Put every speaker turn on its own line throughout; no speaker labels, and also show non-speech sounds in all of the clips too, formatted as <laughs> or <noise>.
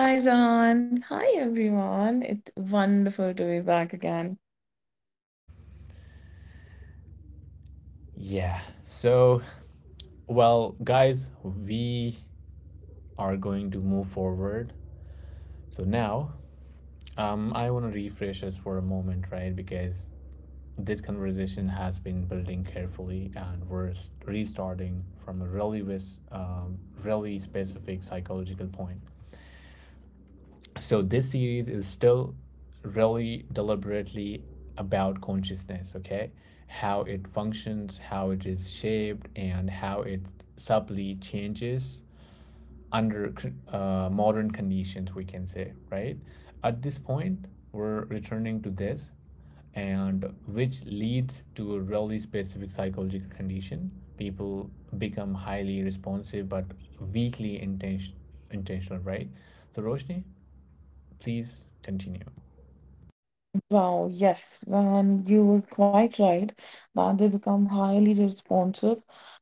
Hi, Zahan. Hi, everyone. It's wonderful to be back again.
Yeah, so, guys, we are going to move forward. So now, I want to refresh us for a moment, right? Because this conversation has been building carefully and restarting from a really specific psychological point. So this series is still really deliberately about consciousness, okay? How it functions, how it is shaped, and how it subtly changes under modern conditions, we can say, right? At this point, we're returning to this, and which leads to a really specific psychological condition. People become highly responsive but weakly intention- intentional, right? So, Roshni, please continue.
Wow, yes, Zahan, you were quite right that they become highly responsive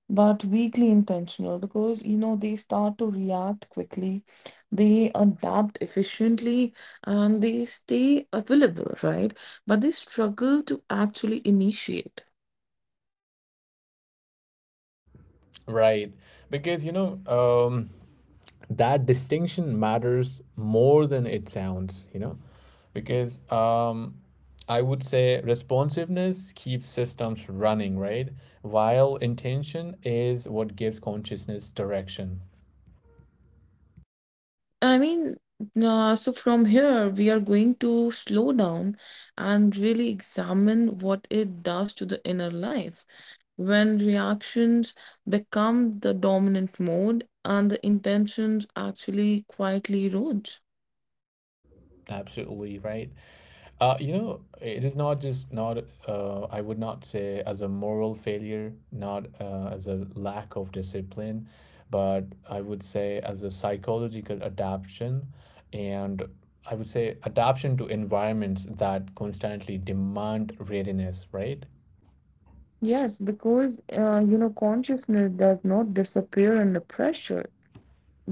but weakly intentional because you know they start to react quickly, they adapt efficiently, and they stay available, right? But they struggle to actually initiate.
Right, because that distinction matters more than it sounds. Because I would say responsiveness keeps systems running, right, while intention is what gives consciousness direction.
I mean, so from here, we are going to slow down and really examine what it does to the inner life. When reactions become the dominant mode and the intentions actually quietly erode.
Absolutely right. It is not just not, I would not say as a moral failure, not as a lack of discipline, but I would say as a psychological adaptation, and I would say adaptation to environments that constantly demand readiness, right?
Yes, because you know, consciousness does not disappear under pressure.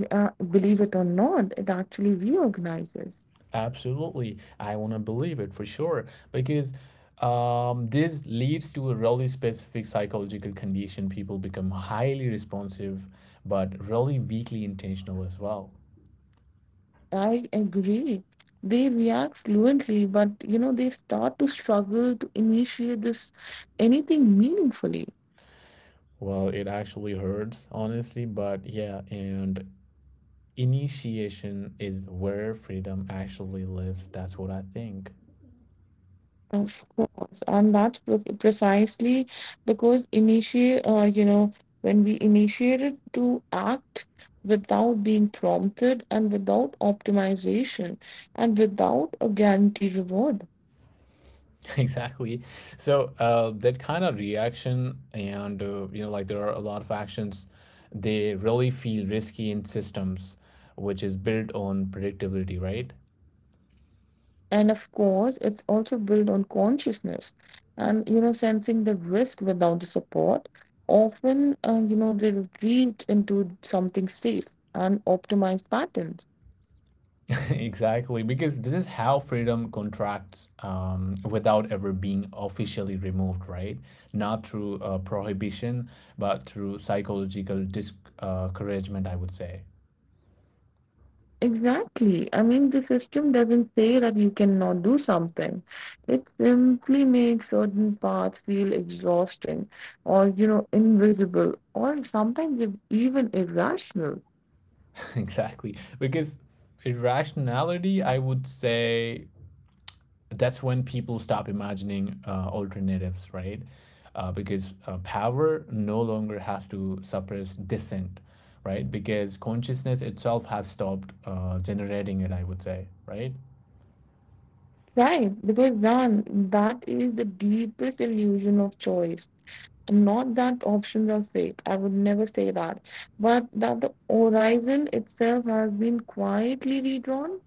Believe it or not, it actually reorganizes.
Absolutely. I want to believe it for sure because this leads to a really specific psychological condition. People become highly responsive, but really weakly intentional as well.
I agree. They react fluently, but you know, they start to struggle to initiate this anything meaningfully.
Well, it actually hurts, honestly, but yeah, and initiation is where freedom actually lives. That's what I think.
Of course, and that's precisely because initiate, you know, when we initiated to act without being prompted and without optimization and without a guaranteed reward.
<laughs> Exactly. So that kind of reaction and there are a lot of actions, they really feel risky in systems which is built on predictability, right?
And of course it's also built on consciousness and you know sensing the risk without the support often you know they're grieved into something safe and optimized patterns.
<laughs> Exactly, because this is how freedom contracts without ever being officially removed, right? Not through prohibition, but through psychological discouragement, I would say.
Exactly, I mean the system doesn't say that you cannot do something, it simply makes certain paths feel exhausting or you know invisible or sometimes even irrational.
<laughs> Exactly. Because irrationality, I would say, that's when people stop imagining alternatives, right? Because power no longer has to suppress dissent, right? Because consciousness itself has stopped generating it, I would say, right?
Right, because then that is the deepest illusion of choice. Not that options are fake. I would never say that. But that the horizon itself has been quietly redrawn?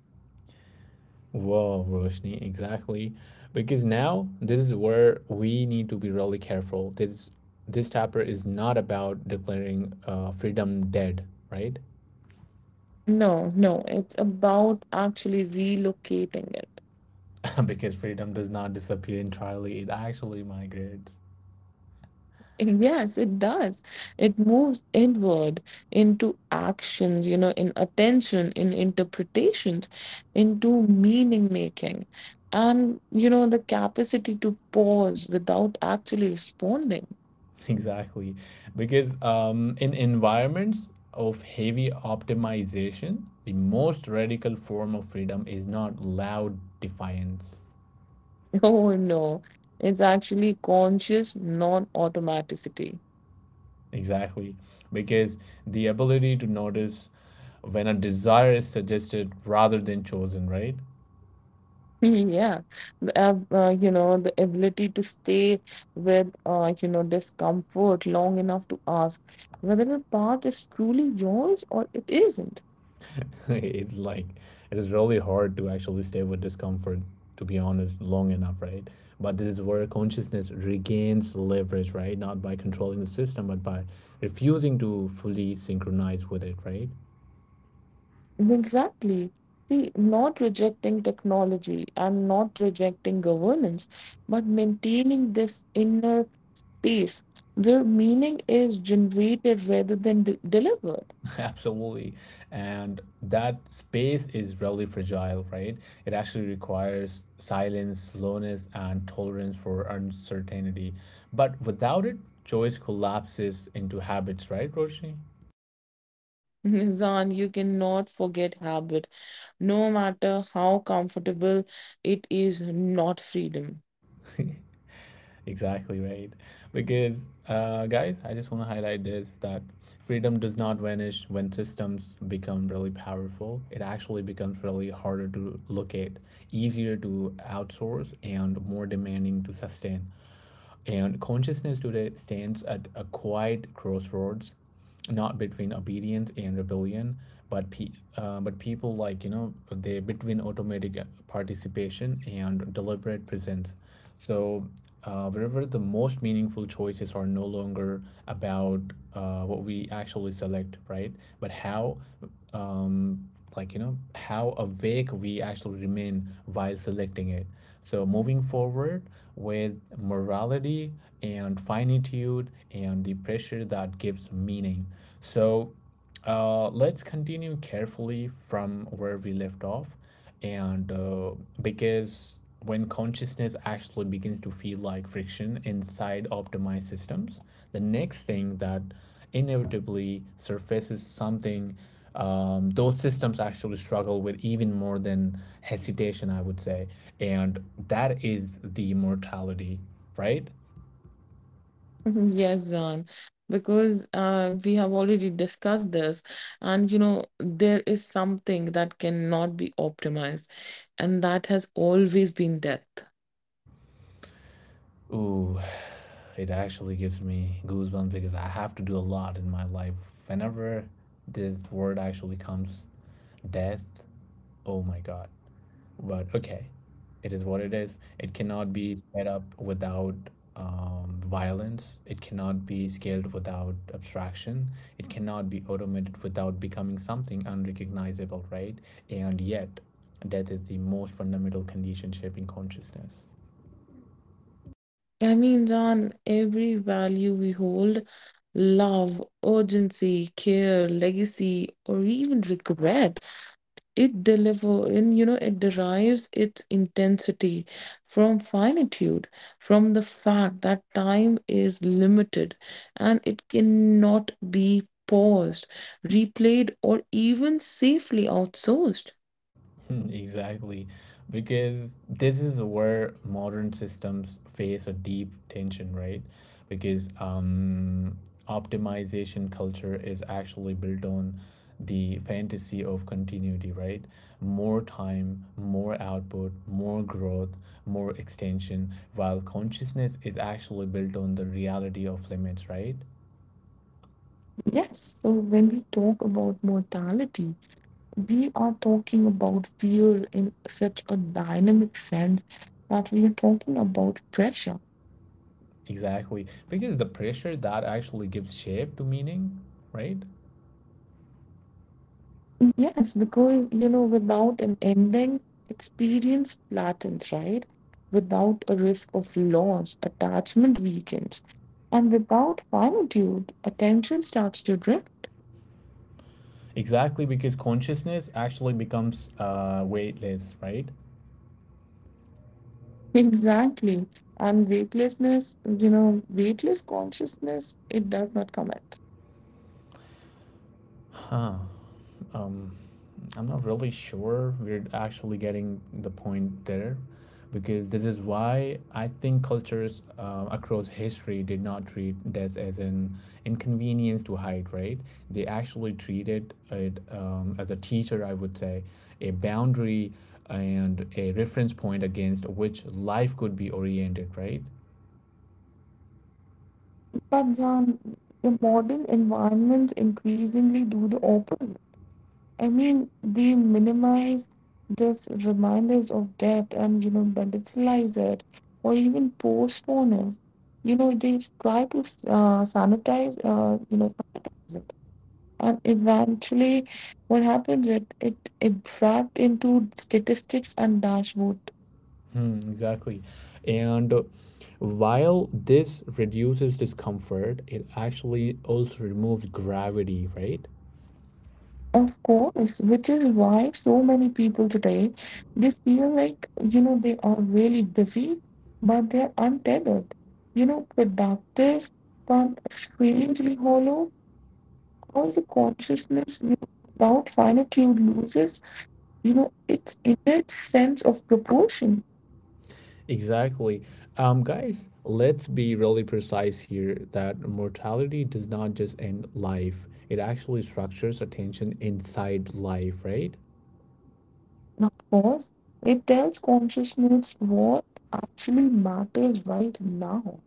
Wow, Roshni, exactly. Because now this is where we need to be really careful. This chapter is not about declaring freedom dead, right?
No, no. It's about actually relocating it.
<laughs> Because freedom does not disappear entirely; it actually migrates.
And yes, it does. It moves inward into actions, you know, in attention, in interpretations, into meaning making. And, you know, the capacity to pause without actually responding.
<laughs> Exactly. Because in environments of heavy optimization, the most radical form of freedom is not loud defiance.
<laughs> Oh no, it's actually conscious non-automaticity. <laughs>
Exactly. Because the ability to notice when a desire is suggested rather than chosen, right?
Yeah, you know, the ability to stay with, you know, discomfort long enough to ask whether the path is truly yours or it isn't.
<laughs> It's like, it is really hard to actually stay with discomfort, to be honest, long enough, right? But this is where consciousness regains leverage, right, not by controlling the system but by refusing to fully synchronize with it, right?
Exactly. See, not rejecting technology and not rejecting governance, but maintaining this inner peace where meaning is generated rather than de delivered.
<laughs> Absolutely. And that space is really fragile, right? It actually requires silence, slowness, and tolerance for uncertainty. But without it, choice collapses into habits, right Roshni?
Zan, you cannot forget habit, no matter how comfortable it is, not freedom.
<laughs> Exactly right. Because, guys, I just want to highlight this, that freedom does not vanish when systems become really powerful. It actually becomes really harder to locate, easier to outsource, and more demanding to sustain. And consciousness today stands at a quiet crossroads, not between obedience and rebellion, but pe- but people, they between automatic participation and deliberate presence. So wherever the most meaningful choices are no longer about what we actually select, right? But how, um, how awake we actually remain while selecting it. So moving forward with morality and finitude and the pressure that gives meaning. So let's continue carefully from where we left off. And because when consciousness actually begins to feel like friction inside optimized systems, the next thing that inevitably surfaces, something those systems actually struggle with even more than hesitation, I would say. And that is the mortality, right?
<laughs> Yes, Zan, because we have already discussed this, and you know, there is something that cannot be optimized, and that has always been death.
Ooh, it actually gives me goosebumps because I have to do a lot in my life. Whenever this word actually comes, death, oh my God. But okay, it is what it is. It cannot be sped up without violence. It cannot be scaled without abstraction. It cannot be automated without becoming something unrecognizable, right? And yet, death is the most fundamental condition shaping consciousness.
I mean, Zan, every value we hold, love, urgency, care, legacy, or even regret. It deliver and you know it derives its intensity from finitude, from the fact that time is limited and it cannot be paused, replayed, or even safely outsourced.
Hmm, exactly, because this is where modern systems face a deep tension, right? Because optimization culture is actually built on the fantasy of continuity, right? More time, more output, more growth, more extension, while consciousness is actually built on the reality of limits, right?
Yes, so when we talk about mortality, we are talking about fear in such a dynamic sense that we are talking about pressure.
Exactly, because the pressure that actually gives shape to meaning, right?
Yes, because you know, without an ending, experience flattens, right? Without a risk of loss, attachment weakens. And without finitude, attention starts to drift.
Exactly, because consciousness actually becomes weightless, right?
<laughs> Exactly. And weightlessness, you know, weightless consciousness, it does not commit.
Huh. I'm not really sure we're actually getting the point there, because this is why I think cultures across history did not treat death as an inconvenience to hide, right? They actually treated it, as a teacher, I would say, a boundary and a reference point against which life could be oriented, right?
But John, the modern environments increasingly do the opposite. I mean, they minimize this reminders of death and, you know, banditalize it or even postpone it. You know, they try to you know, sanitize it. And eventually, what happens it wrapped into statistics and dashboard.
Hmm, exactly. And while this reduces discomfort, it actually also removes gravity, right?
Of course, which is why so many people today they feel like you know they are really busy, but they're untethered. You know, productive but strangely hollow because the consciousness you know, without finitude loses, you know, its innate sense of proportion.
Exactly. Guys, let's be really precise here, that mortality does not just end life, it actually structures attention inside life, right?
And of course, it tells consciousness what actually matters right now.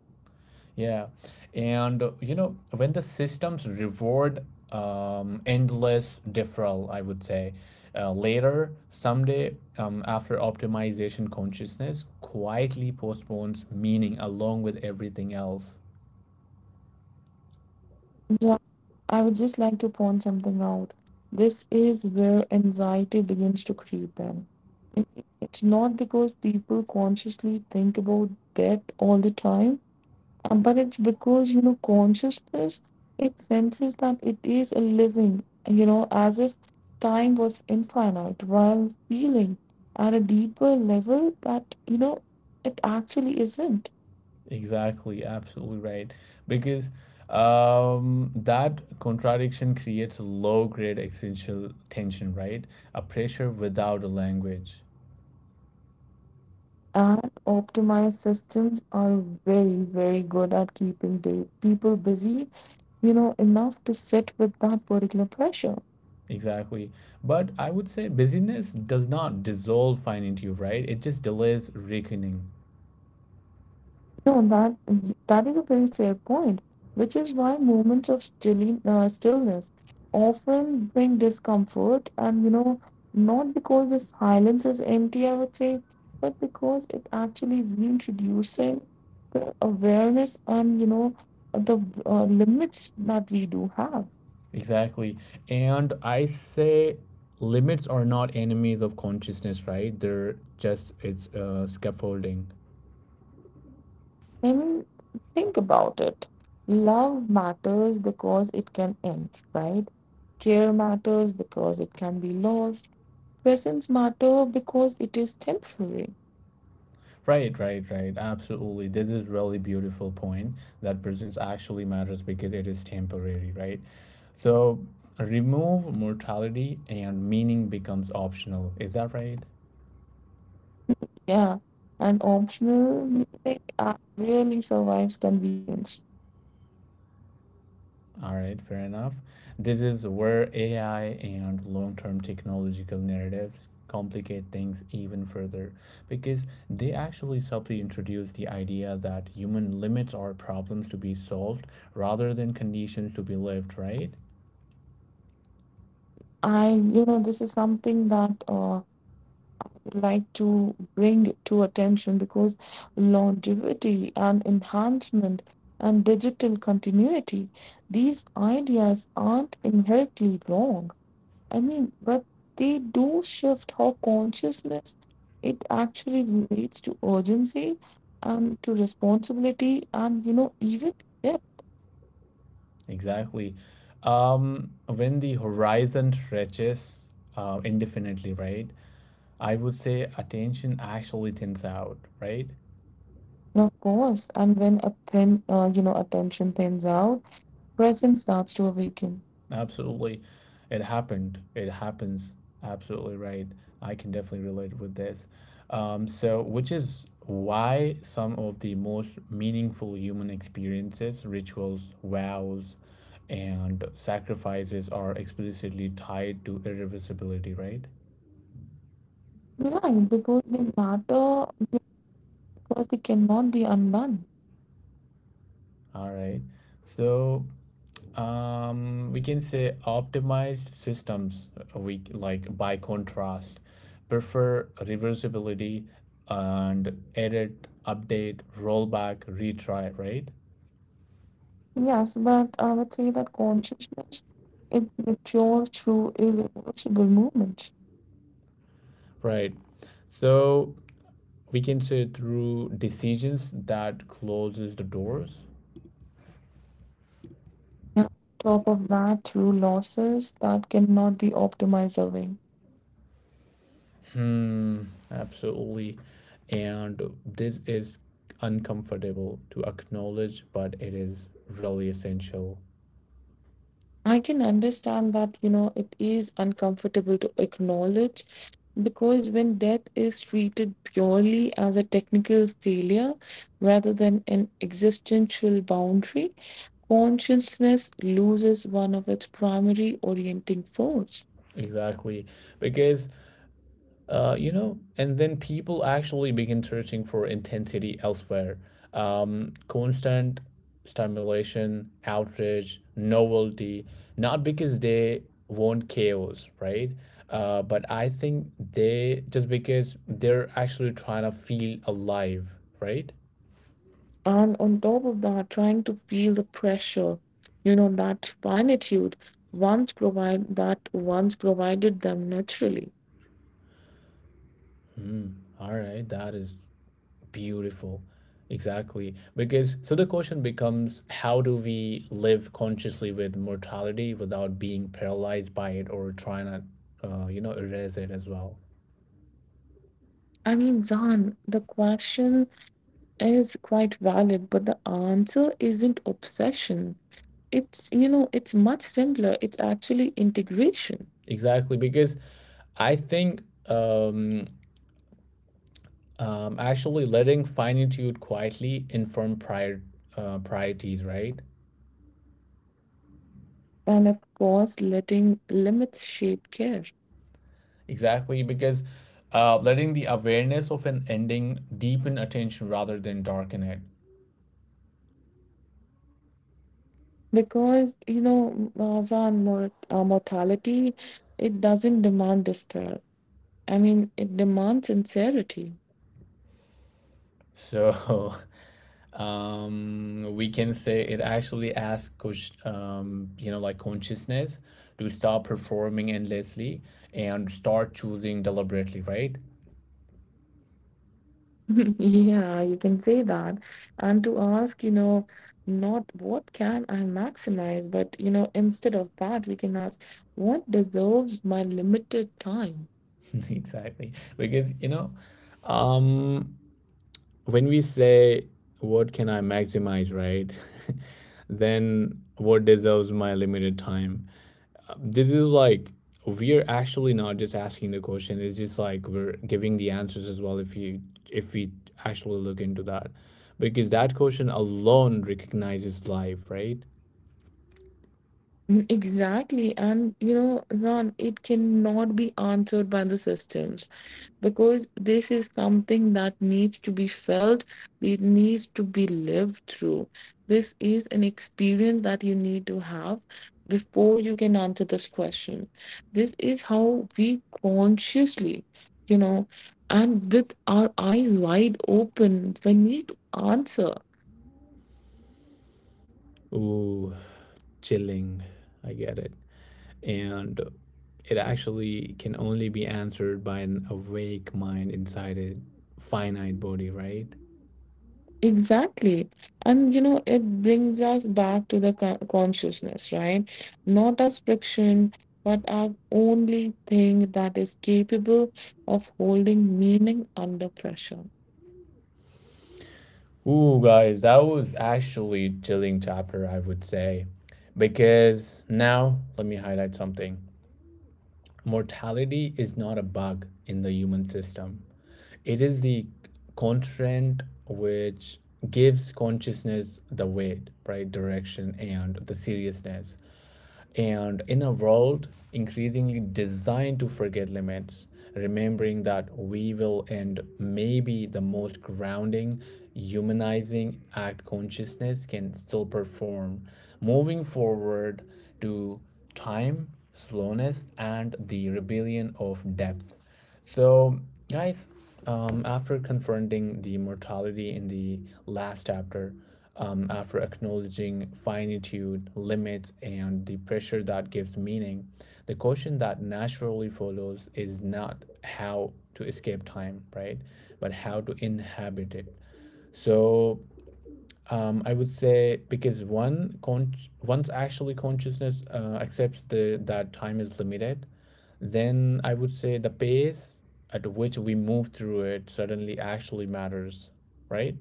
Yeah. And, when the systems reward endless deferral, I would say, later, someday, after optimization, consciousness quietly postpones meaning along with everything else.
Yeah, I would just like to point something out. This is where anxiety begins to creep in. It- It's not because people consciously think about death all the time, but it's because, you know, consciousness, it senses that it is a living, you know, as if time was infinite, while feeling at a deeper level that, you know, it actually isn't.
Exactly, absolutely right. Because that contradiction creates low grade existential tension, right? A pressure without a language.
And optimized systems are very, very good at keeping the people busy, you know, enough to sit with that particular pressure.
Exactly. But I would say busyness does not dissolve fine into you, right? It just delays reckoning.
No, that is a very fair point, which is why moments of stillness often bring discomfort, and you know, not because the silence is empty, I would say, but because it actually reintroducing the awareness and you know the limits that we do have.
Exactly. And I say limits are not enemies of consciousness, right? They're just, it's scaffolding.
Then think about it. Love matters because it can end, right? Care matters because it can be lost. Presence matter because it is temporary.
Right. Absolutely. This is really beautiful point that presence actually matters because it is temporary, right? So remove mortality and meaning becomes optional. Is that right?
Yeah. And optional really survives convenience.
All right, fair enough. This is where AI and long term technological narratives complicate things even further, because they actually subtly introduce the idea that human limits are problems to be solved rather than conditions to be lived, right?
I, you know, this is something that like to bring to attention because longevity and enhancement and digital continuity, these ideas aren't inherently wrong. I mean, but they do shift how consciousness it actually relates to urgency and to responsibility and you know even depth.
Exactly. When the horizon stretches indefinitely, right? I would say attention actually thins out, right?
And of course, and when a thin you know attention thins out, presence starts to awaken.
Absolutely. It happened. It happens. Absolutely right. I can definitely relate with this. So, which is why some of the most meaningful human experiences, rituals, vows, and sacrifices are explicitly tied to irreversibility, right?
Right, because they matter because they cannot be undone.
All right. So, um, we can say optimized systems, we like by contrast, prefer reversibility, and edit, update, rollback, retry, right?
Yes, but I would say that consciousness it matures through irreversible movement.
Right, so we can say through decisions that closes the doors.
Yeah. Top of that, through losses that cannot be optimized away.
Hmm, absolutely. And this is uncomfortable to acknowledge, but it is really essential.
I can understand that, you know, it is uncomfortable to acknowledge because when death is treated purely as a technical failure rather than an existential boundary, consciousness loses one of its primary orienting force.
Exactly, because and then people actually begin searching for intensity elsewhere. Constant stimulation, outrage, novelty, not because they want chaos, right? But I think they, just because they're actually trying to feel alive, right?
And on top of that, trying to feel the pressure, you know, that finitude once provide that once provided them naturally.
All right, that is beautiful. Exactly. Because so the question becomes, how do we live consciously with mortality without being paralyzed by it or trying to, erase it as well?
I mean, Zan, the question is quite valid, but the answer isn't obsession. It's, you know, it's much simpler. It's actually integration.
Exactly. Because I think actually letting finitude quietly inform priorities, right?
And of course, letting limits shape care.
Exactly. Because letting the awareness of an ending deepen attention rather than darken it.
Because, you know, Azan, mortality, it doesn't demand despair. I mean, it demands sincerity.
So <laughs> we can say it actually asks, consciousness to stop performing endlessly and start choosing deliberately, right?
<laughs> Yeah, you can say that. And to ask, you know, not what can I maximize, but, you know, instead of that, we can ask, what deserves my limited time? <laughs>
<laughs> Exactly. Because, um, when we say, what can I maximize, right? <laughs> Then what deserves my limited time? This is like, we're actually not just asking the question, it's just like we're giving the answers as well. If we actually look into that, because that question alone recognizes life, right?
Mm, exactly. And, you know, Zan, it cannot be answered by the systems, because this is something that needs to be felt, it needs to be lived through. This is an experience that you need to have before you can answer this question. This is how we consciously, you know, and with our eyes wide open, we need to answer.
Ooh, chilling, I get it. And it actually can only be answered by an awake mind inside a finite body, right?
Exactly. And you know, it brings us back to the consciousness, right? Not as friction, but as only thing that is capable of holding meaning under pressure.
Ooh, guys, that was actually chilling chapter, I would say. Because now, let me highlight something. Mortality is not a bug in the human system. It is the constraint which gives consciousness the weight, right, direction, and the seriousness. And in a world increasingly designed to forget limits, remembering that we will end may be the most grounding, humanizing act consciousness can still perform, moving forward to time, slowness, and the rebellion of depth. So, guys, after confronting the mortality in the last chapter, after acknowledging finitude, limits, and the pressure that gives meaning, the question that naturally follows is not how to escape time, right? But how to inhabit it. So, I would say because once actually consciousness accepts the that time is limited, then I would say the pace at which we move through it suddenly actually matters, right?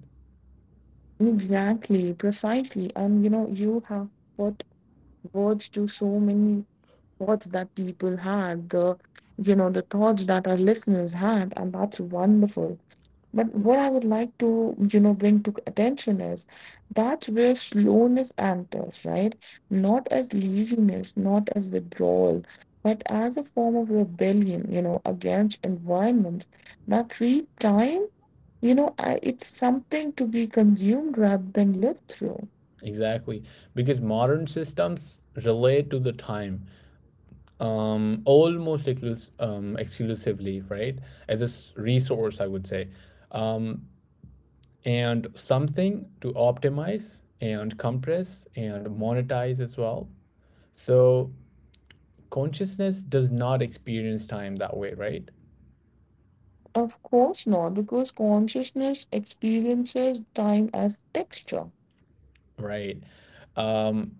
Exactly, precisely. And you know, you have put words to so many thoughts that people had, the you know, the thoughts that our listeners had, and that's wonderful. But what I would like to, you know, bring to attention is that's where slowness enters, right? Not as laziness, not as withdrawal, but as a form of rebellion, you know, against environments that treat time, you know, I, it's something to be consumed rather than lived through.
Exactly, because modern systems relate to the time, exclusively, right? Resource, I would say, um, and something to optimize and compress and monetize as well. So consciousness does not experience time that way, right?
Of course not, because consciousness experiences time as texture.
Right um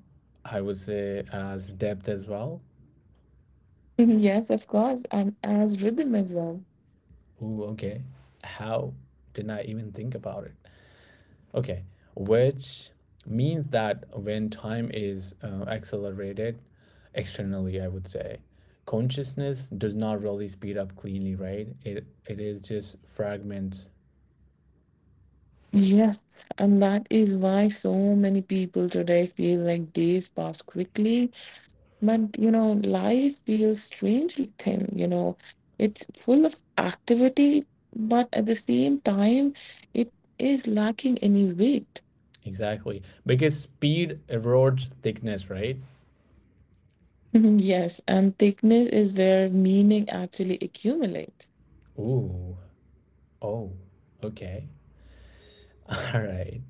I would say as depth as well.
<laughs> Yes, of course, and as rhythm as well.
Ooh, okay. How did I even think about it? Okay, which means that when time is accelerated externally, I would say consciousness does not really speed up cleanly, right? It is just fragments.
Yes, and that is why so many people today feel like days pass quickly. But you know, life feels strangely thin, you know. It's full of activity, but at the same time, it is lacking any weight.
Exactly, because speed erodes thickness, right?
<laughs> Yes, and thickness is where meaning actually accumulates.
ooh Oh, okay. <laughs> All right.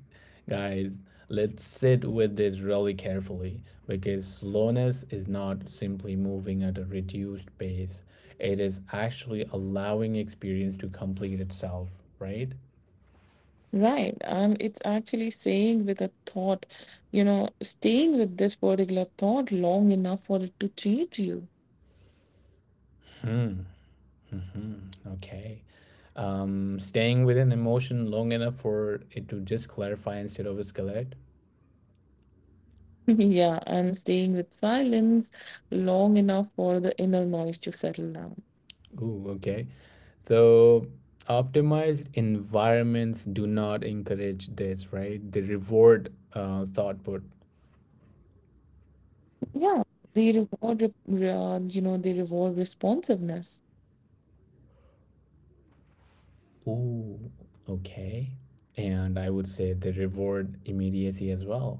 Guys, let's sit with this really carefully because slowness is not simply moving at a reduced pace. It is actually allowing experience to complete itself, right?
Right. And it's actually saying with a thought, you know, staying with this particular thought long enough for it to change you.
Okay. Staying within emotion long enough for it to just clarify instead of escalate.
<laughs> Yeah, and staying with silence long enough for the inner noise to settle down.
Ooh, okay. So optimized environments do not encourage this, right? They reward output.
Yeah, they you know, they reward responsiveness.
Ooh, okay. And I would say they reward immediacy as well.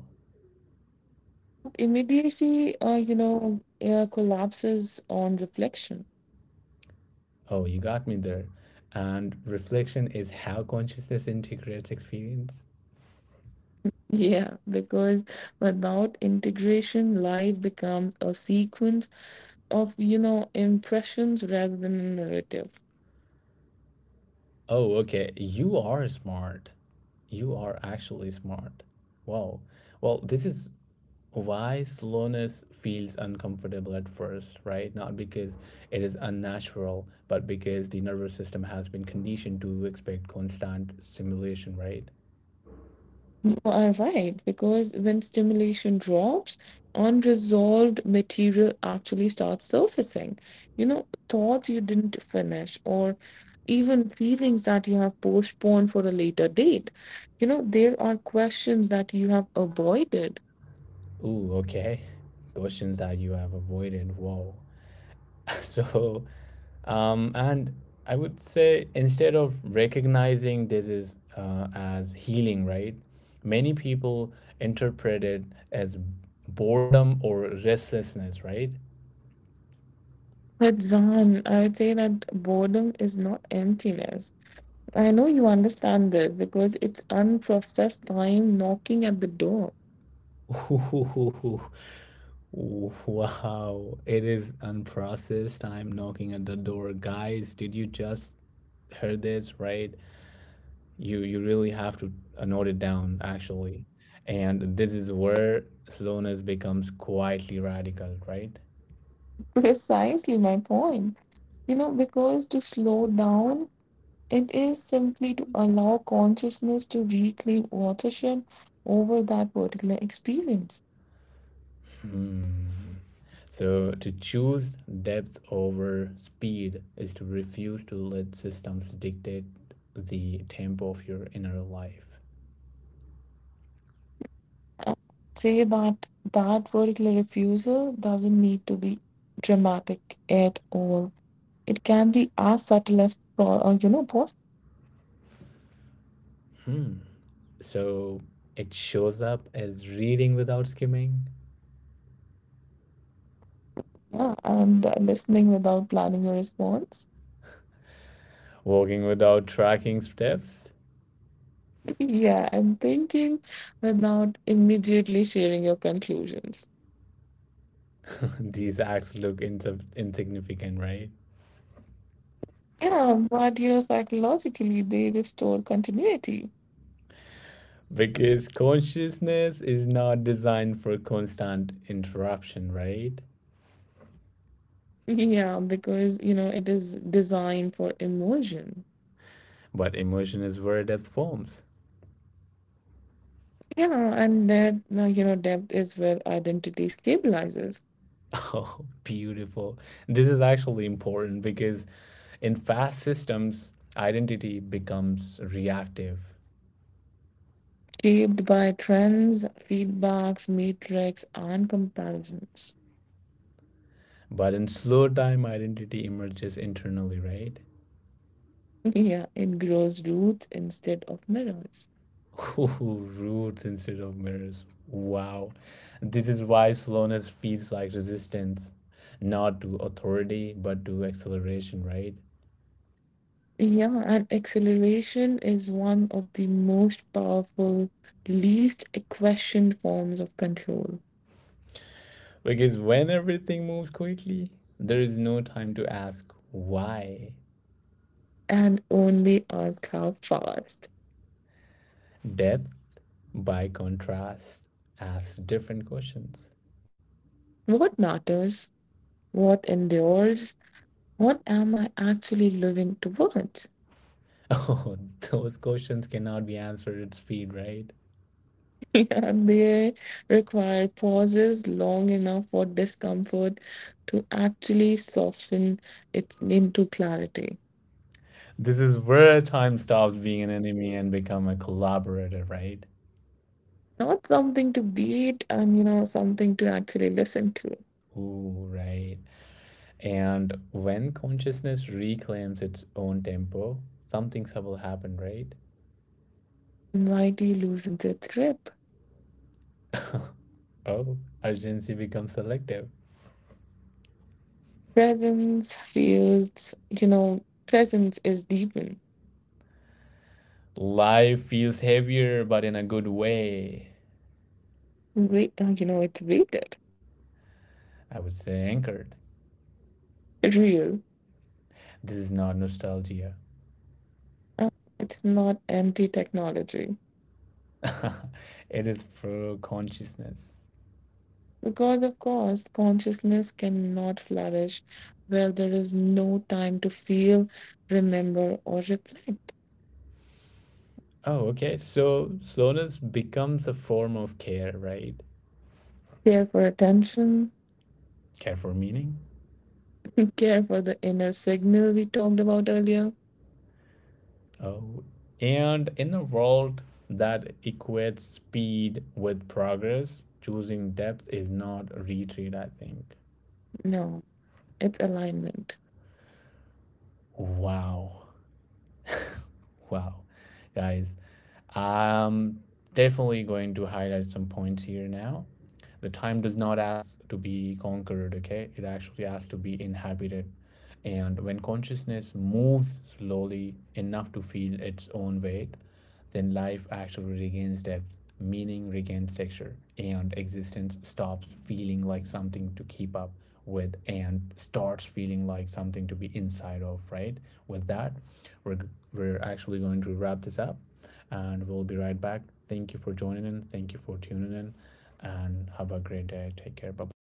But immediacy, you know, collapses on reflection. <laughs>
Oh, you got me there. And reflection is how consciousness integrates experience.
Yeah, because without integration, life becomes a sequence of, you know, impressions rather than a narrative.
Oh, okay. You are smart. You are actually smart. Wow. Well, this is why slowness feels uncomfortable at first, right? Not because it is unnatural, but because the nervous system has been conditioned to expect constant stimulation, right?
You are right, because when stimulation drops, unresolved material actually starts surfacing. You know, thoughts you didn't finish, or even feelings that you have postponed for a later date. You know, there are questions that you have avoided.
Ooh, okay. Questions that you have avoided. Wow. <laughs> So, and I would say instead of recognizing this is as healing, right? Many people interpret it as boredom or restlessness, right?
But Zan, I would say that boredom is not emptiness. I know you understand this because it's unprocessed time knocking at the door.
<laughs> Ooh. Wow, it is unprocessed time knocking at the door. Guys, did you just heard this, right? You really have to note it down actually, and this is where slowness becomes quietly radical, right?
<laughs> Precisely my point. You know, because to slow down, it is simply to allow consciousness to reclaim authorship over that particular experience.
So to choose depth over speed is to refuse to let systems dictate the tempo of your inner life.
I say that that particular refusal doesn't need to be dramatic at all. It can be as subtle as, you know, possible.
So it shows up as reading without skimming,
Yeah, and listening without planning your response. <laughs>
walking without tracking steps.
Yeah, and thinking without immediately sharing your conclusions.
<laughs> These acts look insub insignificant, right?
Yeah, but you know, psychologically, they restore continuity.
Because consciousness is not designed for constant interruption, right?
Yeah, because you know it is designed for immersion.
But emotion is where depth forms. <laughs>
Yeah, and that you know depth is where identity stabilizes,
Oh, beautiful. This is actually important because in fast systems, identity becomes reactive.
shaped by trends, feedbacks, matrix, and comparisons.
But in slow time, identity emerges internally, right?
<laughs> Yeah, it grows roots instead of mirrors.
<laughs> Ooh, roots instead of mirrors. Wow. This is why slowness feels like resistance, not to authority, but to acceleration, right?
Yeah, and acceleration is one of the most powerful, least questioned forms of control.
Because when everything moves quickly, there is no time to ask why.
And only ask how fast.
Depth, by contrast, asks different questions. <laughs>
What matters? What endures? What am I actually living towards? <laughs>
Oh, those questions cannot be answered at speed, right?
Yeah, they require pauses long enough for discomfort to actually soften it into clarity.
This is where time stops being an enemy and become a collaborator, right?
Not something to beat and, you know, something to actually listen to.
Ooh, right. And when consciousness reclaims its own tempo, something subtle happens, right?
Anxiety loosens its grip.
Oh, urgency becomes selective.
Presence feels, you know, presence is deepened.
Life feels heavier, but in a good way.
Wait, you know, it's weighted
I would say anchored.
real.
This is not nostalgia.
Uh, It's not anti technology.
<laughs> It is pro consciousness.
Because, of course, consciousness cannot flourish where there is no time to feel, remember, or reflect.
Oh, okay. So slowness becomes a form of care, right?
Care for attention,
Care for meaning.
<laughs> care for the inner signal we talked about earlier.
Oh, and in a world that equates speed with progress, choosing depth is not retreat, I think.
No, it's alignment.
Wow. Wow, guys. I'm definitely going to highlight some points here now. The time does not ask to be conquered, okay? It actually asks to be inhabited. And when consciousness moves slowly enough to feel its own weight, then life actually regains depth, meaning regains texture, and existence stops feeling like something to keep up with and starts feeling like something to be inside of, right? With that, we're we're actually going to wrap this up and we'll be right back. Thank you for joining in. Thank you for tuning in and have a great day. Take care. Bye bye.